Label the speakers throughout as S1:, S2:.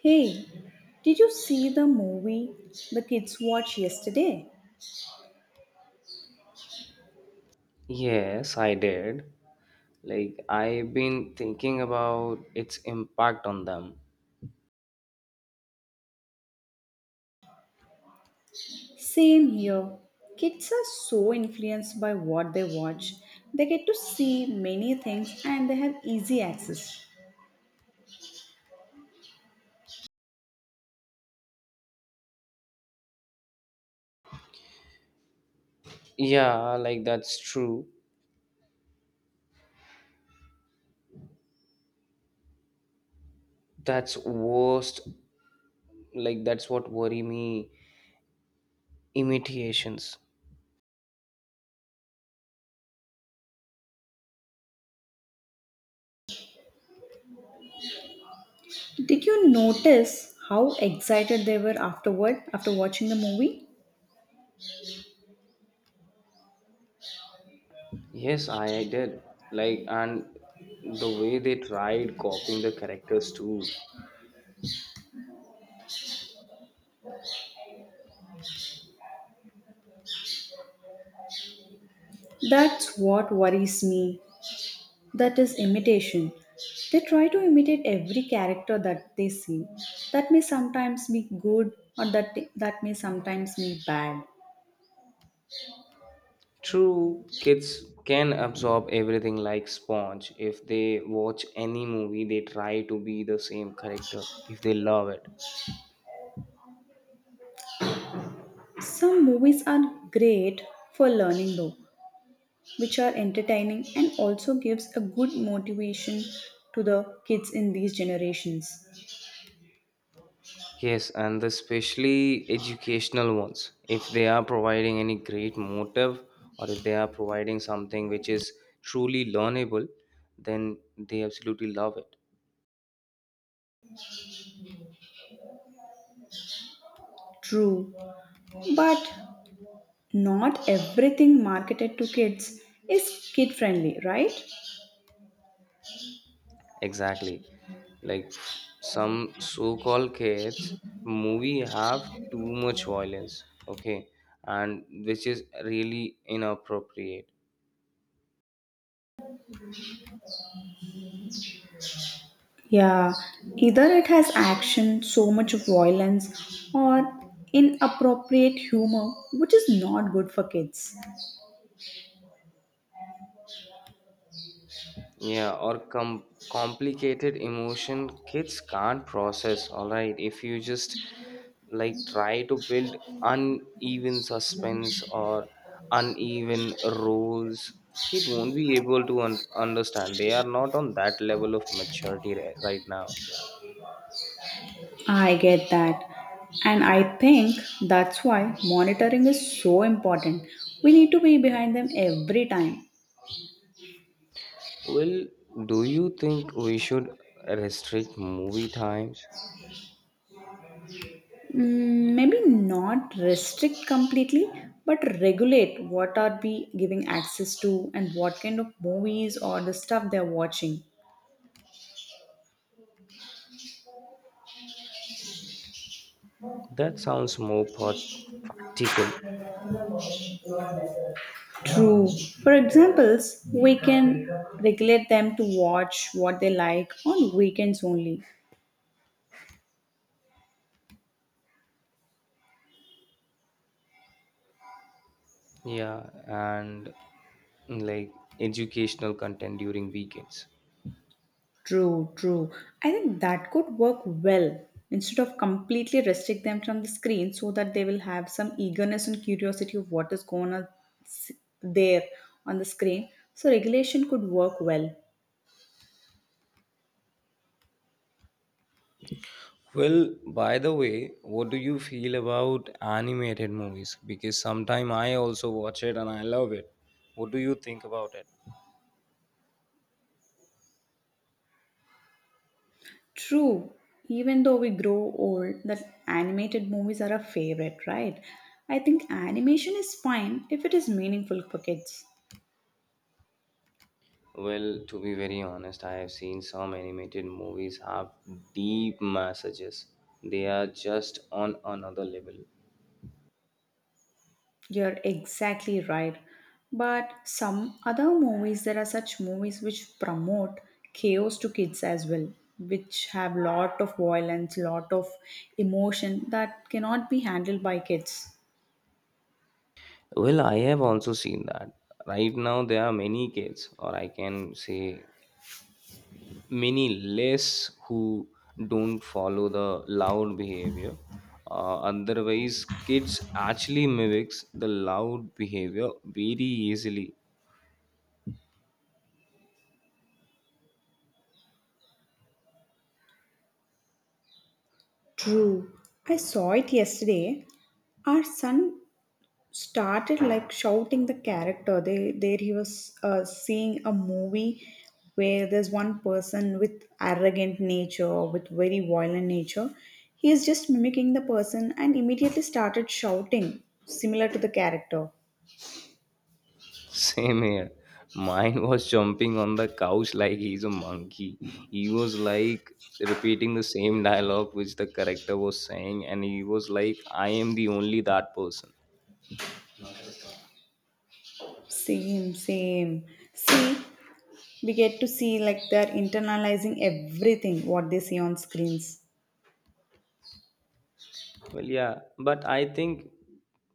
S1: Hey, did you see the movie the kids watched yesterday?
S2: Yes, I did. Like, I've been thinking about its impact on them.
S1: Same here. Kids are so influenced by what they watch. They get to see many things and they have easy access.
S2: Yeah, like that's true. That's worst. Like, that's what worry me. Imitations.
S1: Did you notice how excited they were afterward after watching the movie?
S2: Yes, I did. Like, and the way they tried copying the characters too.
S1: That's what worries me. That is imitation. They try to imitate every character that they see. That may sometimes be good or that may sometimes be bad.
S2: True, kids can absorb everything like sponge. If they watch any movie, they try to be the same character if they love it.
S1: Some movies are great for learning though, which are entertaining and also gives a good motivation to the kids in these generations.
S2: Yes, and especially educational ones. If they are providing any great motive or if they are providing something which is truly learnable, then they absolutely love it.
S1: True, but not everything marketed to kids is kid friendly, right?
S2: Exactly. Like some so called kids, movie have too much violence, okay, and which is really inappropriate.
S1: Yeah, either it has action, so much violence, or inappropriate humor, which is not good for kids.
S2: Yeah, or complicated emotion kids can't process. All right, if you just like try to build uneven suspense or uneven rules, kid won't be able to understand. They are not on that level of maturity right now.
S1: I get that. And I think that's why monitoring is so important. We need to be behind them every time.
S2: Well, do you think we should restrict movie times?
S1: Mm, maybe not restrict completely, but regulate what are we giving access to and what kind of movies or the stuff they're watching.
S2: That sounds more practical.
S1: True. For examples, we can regulate them to watch what they like on weekends only.
S2: Yeah, and like educational content during weekends.
S1: True, true. I think that could work well instead of completely restrict them from the screen so that they will have some eagerness and curiosity of what is going on s- there on the screen. So regulation could work well.
S2: Well, by the way, what do you feel about animated movies? Because sometime I also watch it and I love it. What do you think about it?
S1: True. Even though we grow old, that animated movies are a favorite, right? I think animation is fine if it is meaningful for kids.
S2: Well, to be very honest, I have seen some animated movies have deep messages. They are just on another level.
S1: You're exactly right. But some other movies, there are such movies which promote chaos to kids as well, which have lot of violence, lot of emotion that cannot be handled by kids.
S2: Well, I have also seen that. Right now, there are many kids, or I can say many less who don't follow the loud behavior, otherwise kids actually mimics the loud behavior very easily.
S1: True. I saw it yesterday. Our son started like shouting the character they there he was seeing a movie where there's one person with arrogant nature with very violent nature, he is just mimicking the person and immediately started shouting similar to the character.
S2: Same here, mine was jumping on the couch like he's a monkey, he was like repeating the same dialogue which the character was saying and he was like I am the only that person.
S1: Same, same. See, we get to see like they're internalizing everything what they see on screens.
S2: Well, yeah, but I think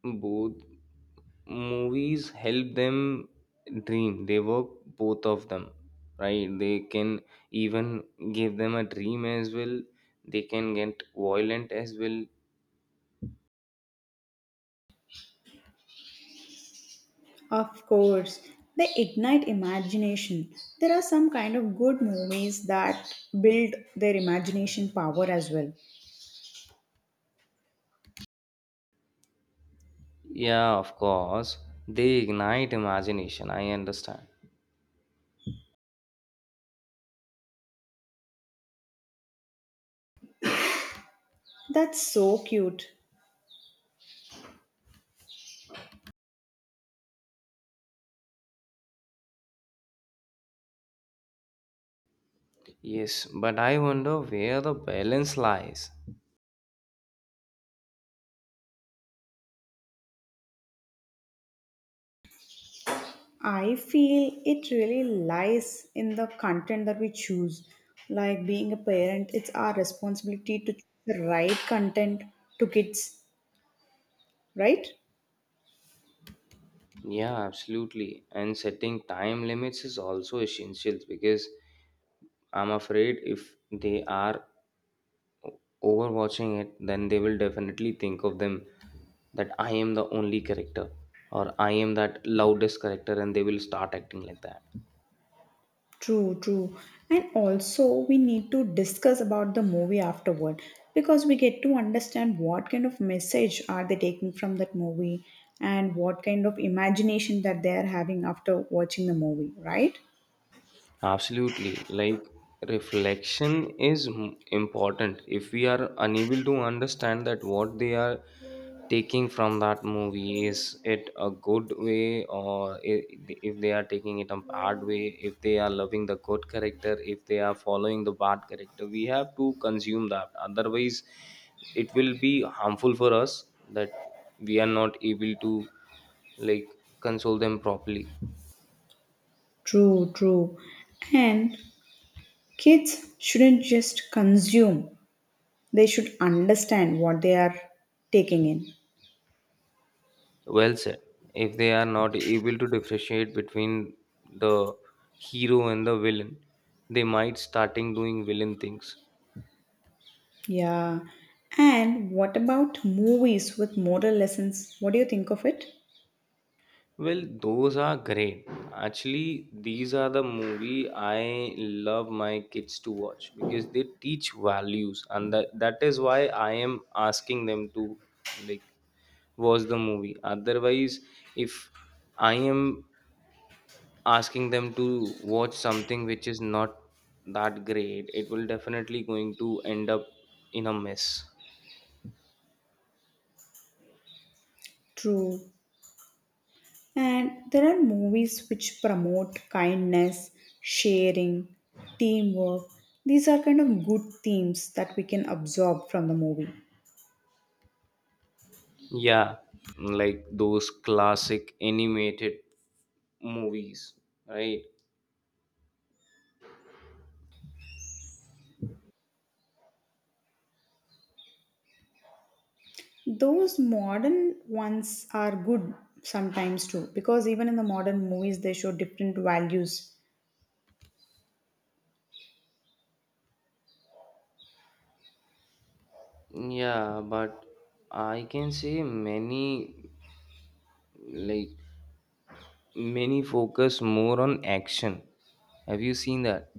S2: both movies help them dream. They work both of them, right? They can even give them a dream as well. They can get violent as well.
S1: Of course, they ignite imagination. There are some kind of good movies that build their imagination power as well.
S2: Yeah, of course. They ignite imagination. I understand.
S1: That's so cute.
S2: Yes, but I wonder where the balance lies.
S1: I feel it really lies in the content that we choose. Like being a parent, it's our responsibility to choose the right content to kids, right?
S2: Yeah, absolutely. And setting time limits is also essential because I'm afraid if they are overwatching it then they will definitely think of them that I am the only character or I am that loudest character and they will start acting like that.
S1: True, true. And also, we need to discuss about the movie afterward because we get to understand what kind of message are they taking from that movie and what kind of imagination that they are having after watching the movie, right?
S2: Absolutely. Like reflection is important. If we are unable to understand that what they are taking from that movie is it a good way or if they are taking it a bad way, if they are loving the good character, if they are following the bad character, we have to consume that. Otherwise, it will be harmful for us that we are not able to like console them properly.
S1: True, true. And kids shouldn't just consume, they should understand what they are taking in.
S2: Well said. If they are not able to differentiate between the hero and the villain, they might starting doing villain things.
S1: Yeah. And what about movies with moral lessons? What do you think of it?
S2: Well, those are great. Actually, these are the movie I love my kids to watch because they teach values, and that is why I am asking them to like watch the movie. Otherwise, if I am asking them to watch something which is not that great it will definitely going to end up in a mess.
S1: True. And there are movies which promote kindness, sharing, teamwork. These are kind of good themes that we can absorb from the movie.
S2: Yeah, like those classic animated movies, right?
S1: Those modern ones are good sometimes too, because even in the modern movies, they show different values.
S2: Yeah, but I can say many, like many focus more on action. Have you seen that?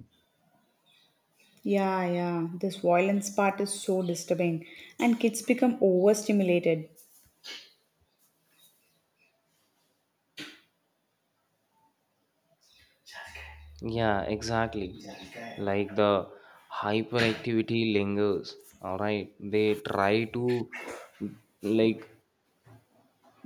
S1: Yeah, yeah, this violence part is so disturbing, and kids become overstimulated.
S2: Yeah, exactly. Like the hyperactivity lingers. All right. They try to like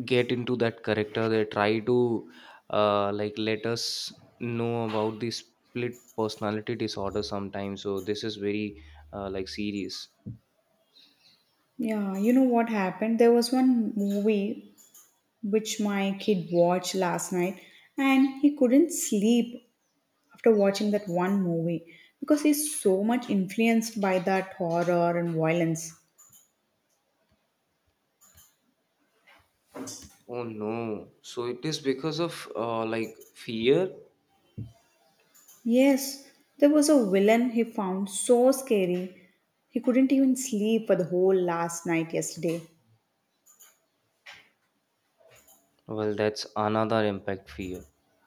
S2: get into that character. They try to like let us know about the split personality disorder sometimes. So this is very like serious.
S1: Yeah, you know what happened? There was one movie which my kid watched last night and he couldn't sleep after watching that one movie because he's so much influenced by that horror and violence.
S2: Oh no. So it is because of like fear.
S1: Yes, there was a villain he found so scary he couldn't even sleep for the whole last night yesterday.
S2: Well, that's another impact fear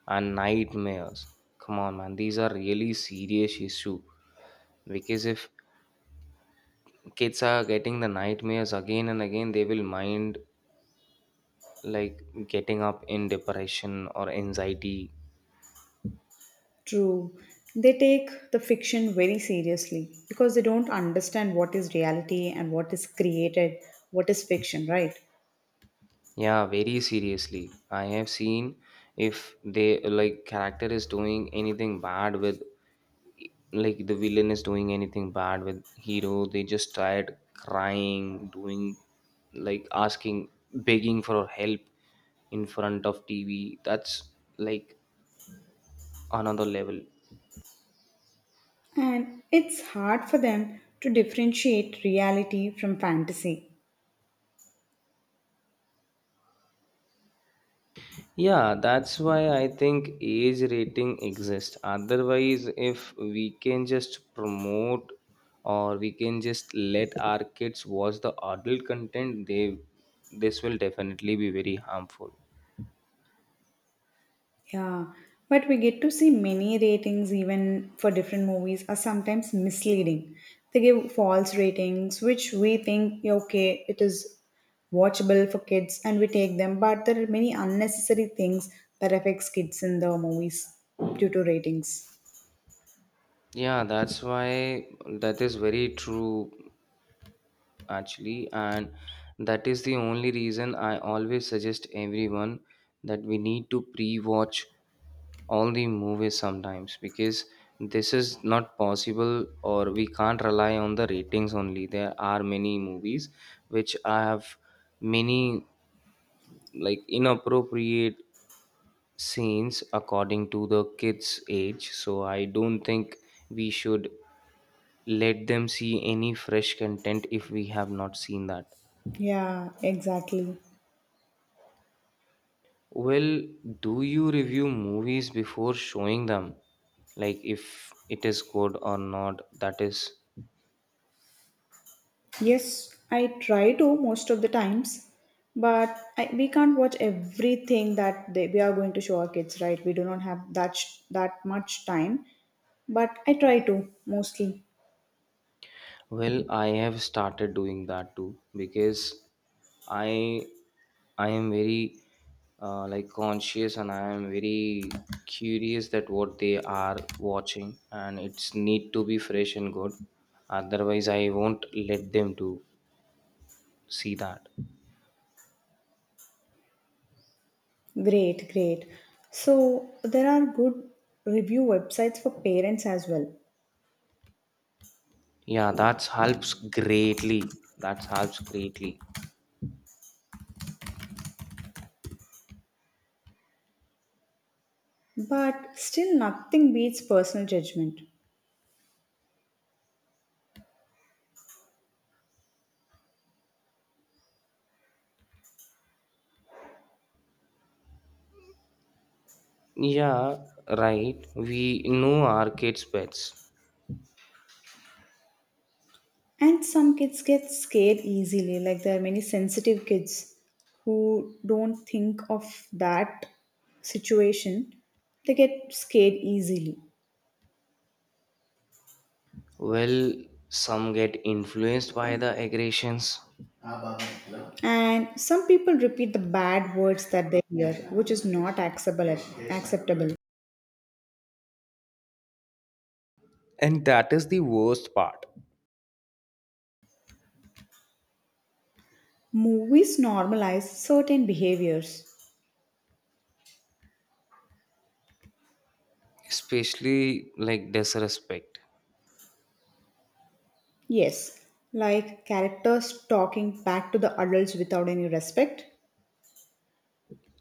S2: and nightmares. Come on, man. These are really serious issue. Because if kids are getting the nightmares again and again, they will mind like getting up in depression or anxiety.
S1: True. They take the fiction very seriously because they don't understand what is reality and what is created, what is fiction, right?
S2: Yeah, very seriously. I have seen if they like character is doing anything bad with, like the villain is doing anything bad with hero, they just start crying, doing like asking, begging for help in front of TV. That's like another level.
S1: And it's hard for them to differentiate reality from fantasy.
S2: Yeah, that's why I think age rating exists. Otherwise, if we can just promote or we can just let our kids watch the adult content, they this will definitely be very harmful.
S1: Yeah, but we get to see many ratings, even for different movies, are sometimes misleading. They give false ratings, which we think, "Yeah, okay, it is watchable for kids and we take them," but there are many unnecessary things that affects kids in the movies due to ratings.
S2: Yeah, that's why that is very true actually, and that is the only reason I always suggest everyone that we need to pre-watch all the movies sometimes because this is not possible or we can't rely on the ratings only. There are many movies which have many like inappropriate scenes according to the kids age, so I don't think we should let them see any fresh content if we have not seen that.
S1: Yeah, exactly.
S2: Well, do you review movies before showing them, like if it is good or not, that is.
S1: Yes, I try to most of the times, but I, we can't watch everything that they, we are going to show our kids, right? We do not have that that much time, but I try to mostly.
S2: Well, I have started doing that too because I I am very like conscious and I am very curious that what they are watching and it's need to be fresh and good. Otherwise, I won't let them to see that.
S1: Great, great. So there are good review websites for parents as well,
S2: Yeah, that helps greatly. That helps greatly.
S1: but still nothing beats personal judgment.
S2: Yeah, right. We know our kids' pets.
S1: And some kids get scared easily. Like there are many sensitive kids who don't think of that situation. They get scared easily.
S2: Well, some get influenced by the aggressions.
S1: And some people repeat the bad words that they hear, which is not acceptable.
S2: And that is the worst part,
S1: Movies normalize certain behaviors.
S2: especially like disrespect.
S1: Yes, like characters talking back to the adults without any respect.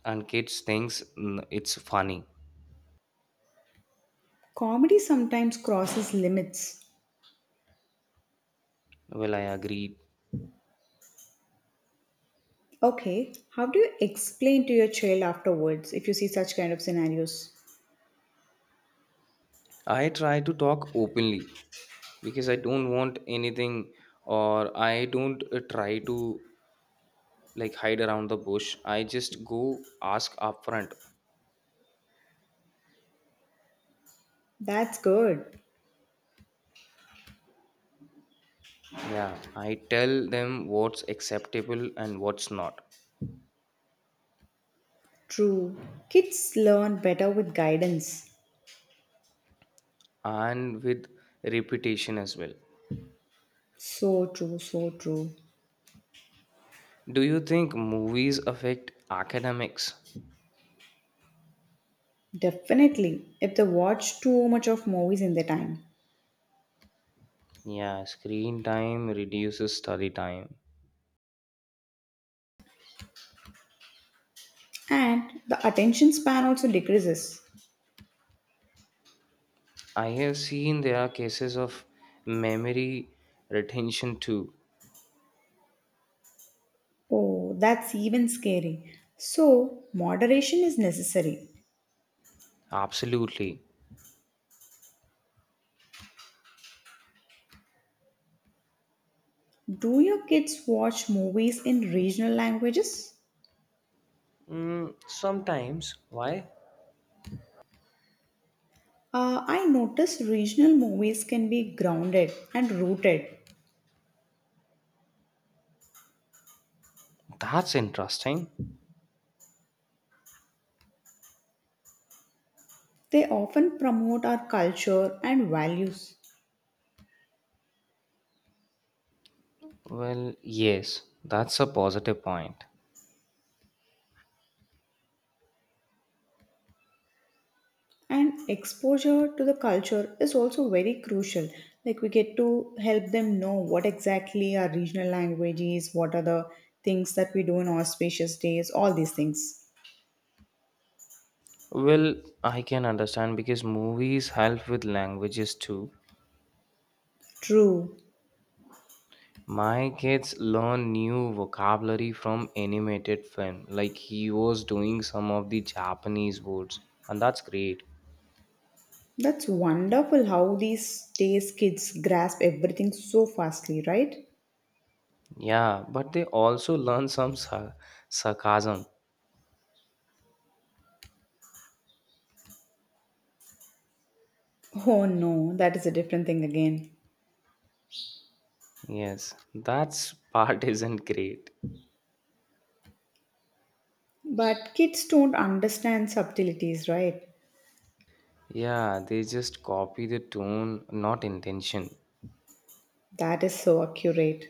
S2: And kids thinks, "Mm, it's funny."
S1: Comedy sometimes crosses limits.
S2: Well, I agree.
S1: Okay, how do you explain to your child afterwards if you see such kind of scenarios?
S2: I try to talk openly because I don't want anything or I don't try to like hide around the bush. I just go ask upfront.
S1: That's good.
S2: Yeah, I tell them what's acceptable and what's not,
S1: True. Kids learn better with guidance.
S2: and with reputation as well.
S1: So true, so true.
S2: Do you think movies affect academics?
S1: Definitely, if they watch too much of movies in their time.
S2: Yeah, screen time reduces study time.
S1: And the attention span also decreases.
S2: I have seen there are cases of memory retention too.
S1: Oh, that's even scary. So, moderation is necessary.
S2: Absolutely.
S1: Do your kids watch movies in regional languages?
S2: Mm, sometimes. Why?
S1: I notice regional movies can be grounded and rooted.
S2: That's interesting.
S1: They often promote our culture and values.
S2: Well, yes, that's a positive point.
S1: And exposure to the culture is also very crucial. Like, we get to help them know what exactly our regional language is, what are the things that we do in auspicious days, all these things.
S2: Well, I can understand because movies help with languages too.
S1: True.
S2: My kids learn new vocabulary from animated film, like he was doing some of the Japanese words, and that's great.
S1: That's wonderful how these days kids grasp everything so fastly, right?
S2: Yeah, but they also learn some sarcasm.
S1: Oh no, that is a different thing again.
S2: Yes, that's part isn't great.
S1: But kids don't understand subtleties, right?
S2: Yeah, they just copy the tone, not intention.
S1: That is so accurate.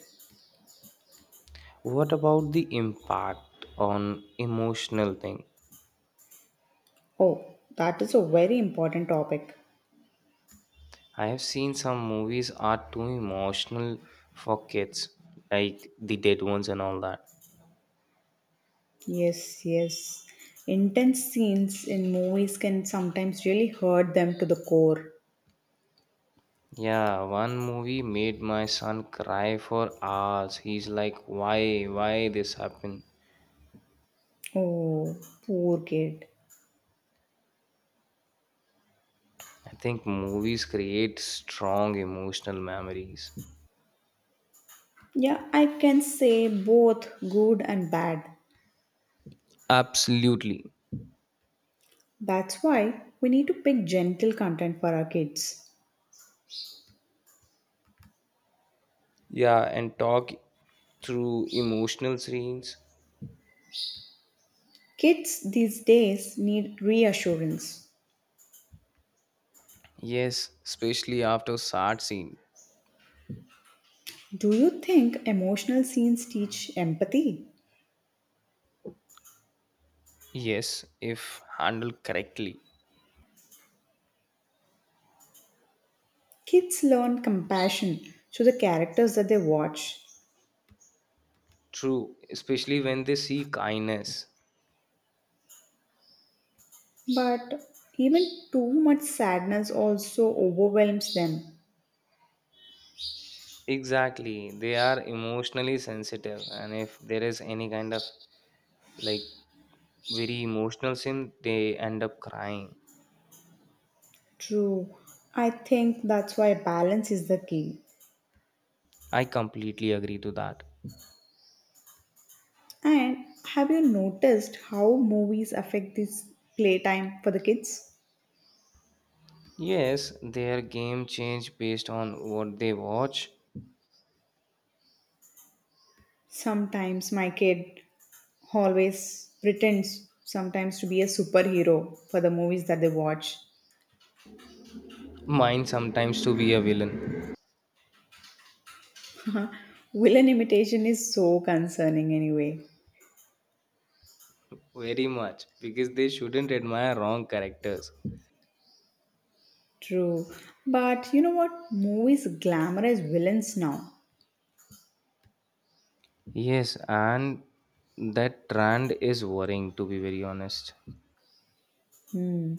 S2: What about the impact on emotional thing?
S1: Oh, that is a very important topic.
S2: I have seen some movies are too emotional for kids, like the dead ones and all that.
S1: Yes, yes. Intense scenes in movies can sometimes really hurt them to the core.
S2: Yeah, one movie made my son cry for hours. He's like, why this happened?
S1: Oh, poor kid.
S2: I think movies create strong emotional memories.
S1: Yeah, I can say both good and bad.
S2: Absolutely.
S1: That's why we need to pick gentle content for our kids.
S2: Yeah, and talk through emotional scenes.
S1: Kids these days need reassurance.
S2: Yes, especially after sad scene.
S1: Do you think emotional scenes teach empathy?
S2: Yes, if handled correctly.
S1: Kids learn compassion through the characters that they watch,
S2: True, especially when they see kindness.
S1: but even too much sadness also overwhelms them.
S2: Exactly. They are emotionally sensitive and if there is any kind of like very emotional scene, they end up crying.
S1: True, I think that's why balance is the key.
S2: I completely agree to that.
S1: And have you noticed how movies affect this playtime for the kids?
S2: Yes, their game change based on what they watch.
S1: Sometimes my kid always pretends sometimes to be a superhero for the movies that they watch.
S2: Mine sometimes to be a villain.
S1: Villain imitation is so concerning anyway.
S2: Very much. Because they shouldn't admire wrong characters.
S1: True. But you know what? Movies glamorize villains now.
S2: Yes, and that trend is worrying to be very honest.
S1: Hmm.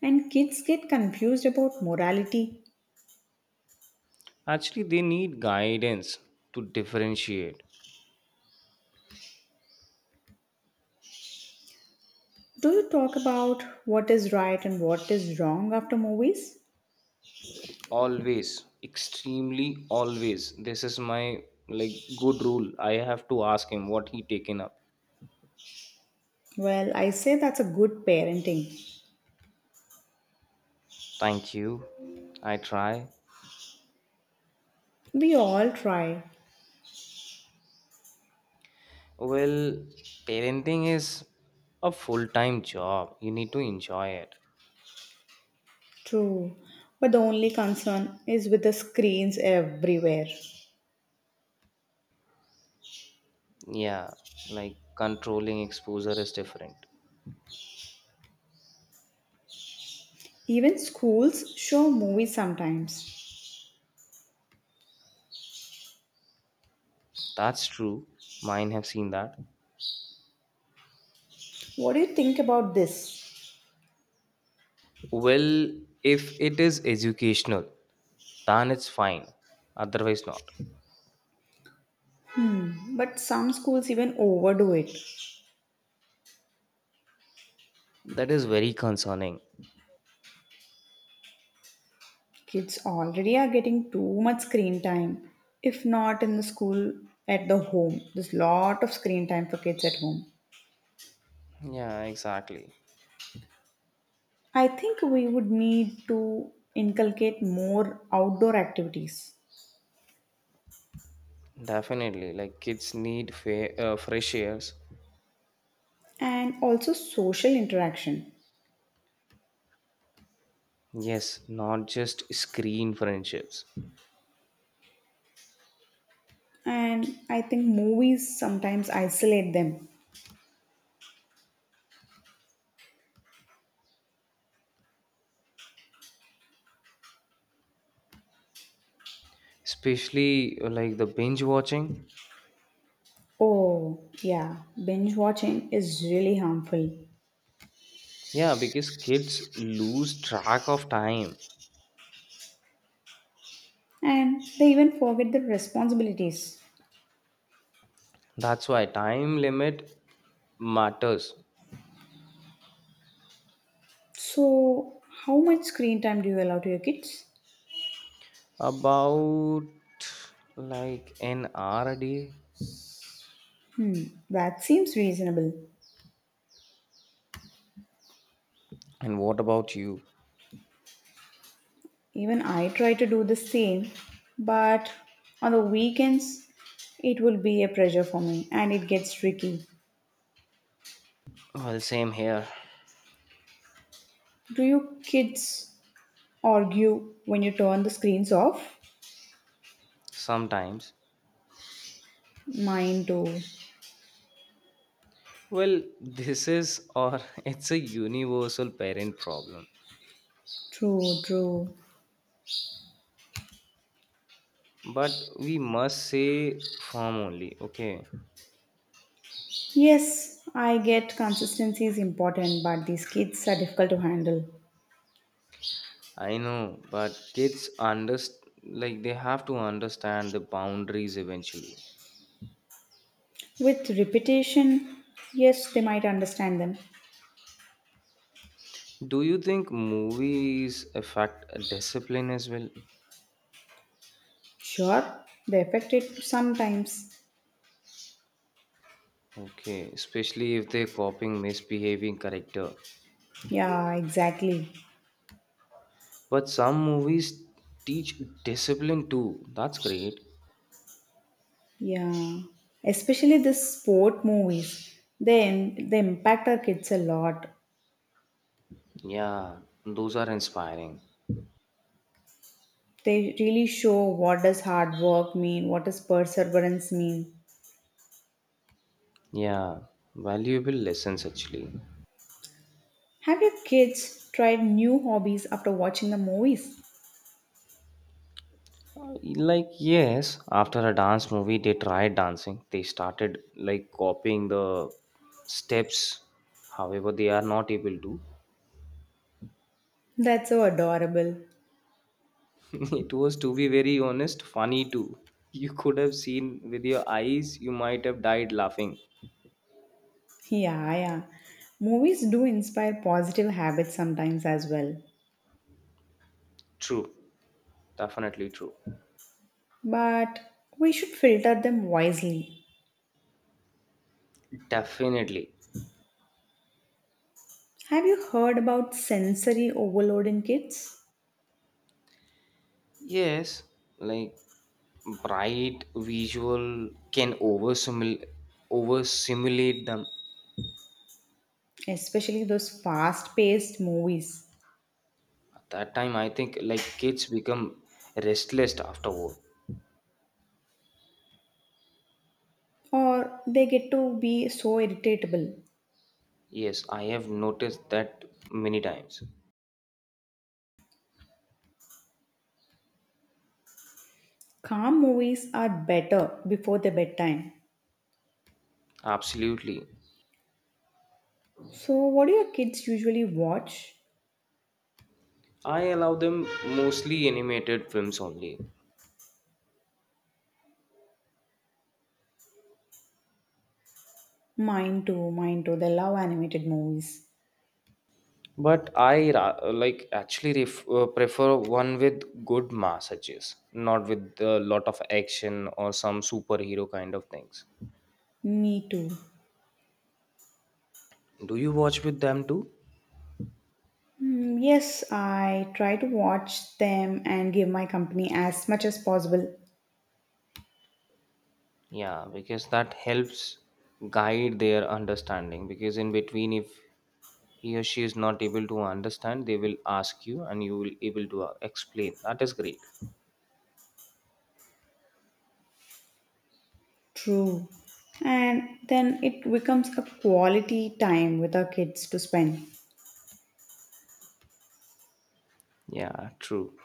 S1: And kids get confused about morality.
S2: Actually, they need guidance to differentiate.
S1: Do you talk about what is right and what is wrong after movies?
S2: Always, extremely always. This is my like good rule. I have to ask him what he taken up.
S1: Well, I say that's a good parenting.
S2: Thank you. I try.
S1: We all try.
S2: Well, parenting is a full time job. You need to enjoy it.
S1: True. But the only concern is with the screens everywhere.
S2: Yeah, like controlling exposure is different.
S1: Even schools show movies sometimes.
S2: That's true. Mine have seen that.
S1: What do you think about this?
S2: Well, if it is educational, then it's fine. Otherwise, not.
S1: But some schools even overdo it.
S2: That is very concerning.
S1: Kids already are getting too much screen time. If not in the school, at the home. There's lot of screen time for kids at home.
S2: Yeah, exactly.
S1: I think we would need to inculcate more outdoor activities
S2: Definitely. Like kids need fresh airs.
S1: and also social interaction.
S2: Yes, not just screen friendships.
S1: And I think movies sometimes isolate them.
S2: Especially like the binge watching.
S1: Oh, yeah, binge watching is really harmful.
S2: Yeah, because kids lose track of time.
S1: And they even forget their responsibilities.
S2: That's why time limit matters.
S1: So, how much screen time do you allow to your kids?
S2: About like an hour a day.
S1: Hmm, that seems reasonable.
S2: And what about you?
S1: Even I try to do the same, but on the weekends it will be a pressure for me and it gets tricky.
S2: Well, same here.
S1: Do you kids argue when you turn the screens off?
S2: Sometimes.
S1: Mine do.
S2: Well, this is or it's a universal parent problem.
S1: True, true.
S2: But we must say firm only. Okay.
S1: Yes, I get consistency is important, but these kids are difficult to handle.
S2: I know, but kids understand like they have to understand the boundaries eventually.
S1: With repetition, yes, they might understand them.
S2: Do you think movies affect a discipline as well?
S1: Sure, they affect it sometimes.
S2: Okay, especially if they're copying misbehaving character.
S1: Yeah, exactly.
S2: But some movies teach discipline too. That's great.
S1: Yeah, especially the sport movies. They impact our kids a lot.
S2: Yeah, those are inspiring.
S1: They really show what does hard work mean, what does perseverance mean.
S2: Yeah, valuable lessons actually.
S1: Have your kids tried new hobbies after watching the movies?
S2: Like yes, after a dance movie, they tried dancing. They started like copying the steps. However, they are not able to.
S1: That's so adorable.
S2: It was, to be very honest, funny too. You could have seen with your eyes, you might have died laughing.
S1: Yeah, yeah. Movies do inspire positive habits sometimes as well.
S2: True. Definitely true.
S1: But we should filter them wisely.
S2: Definitely.
S1: Have you heard about sensory overload in kids?
S2: Yes, like bright visual can oversimulate them.
S1: Especially those fast paced movies.
S2: At that time, I think like kids become restless afterward.
S1: Or they get to be so irritable.
S2: Yes, I have noticed that many times.
S1: Calm movies are better before their bedtime.
S2: Absolutely.
S1: So what do your kids usually watch?
S2: I allow them mostly animated films only.
S1: Mine too, mine too, they love animated movies.
S2: But I prefer one with good massages, not with a lot of action or some superhero kind of things.
S1: Me too.
S2: Do you watch with them too?
S1: Hmm, yes, I try to watch them and give my company as much as possible.
S2: Yeah, because that helps guide their understanding. Because in between, if he or she is not able to understand, they will ask you, and you will able to explain. That is great.
S1: True. And then it becomes a quality time with our kids to spend.
S2: Yeah, true.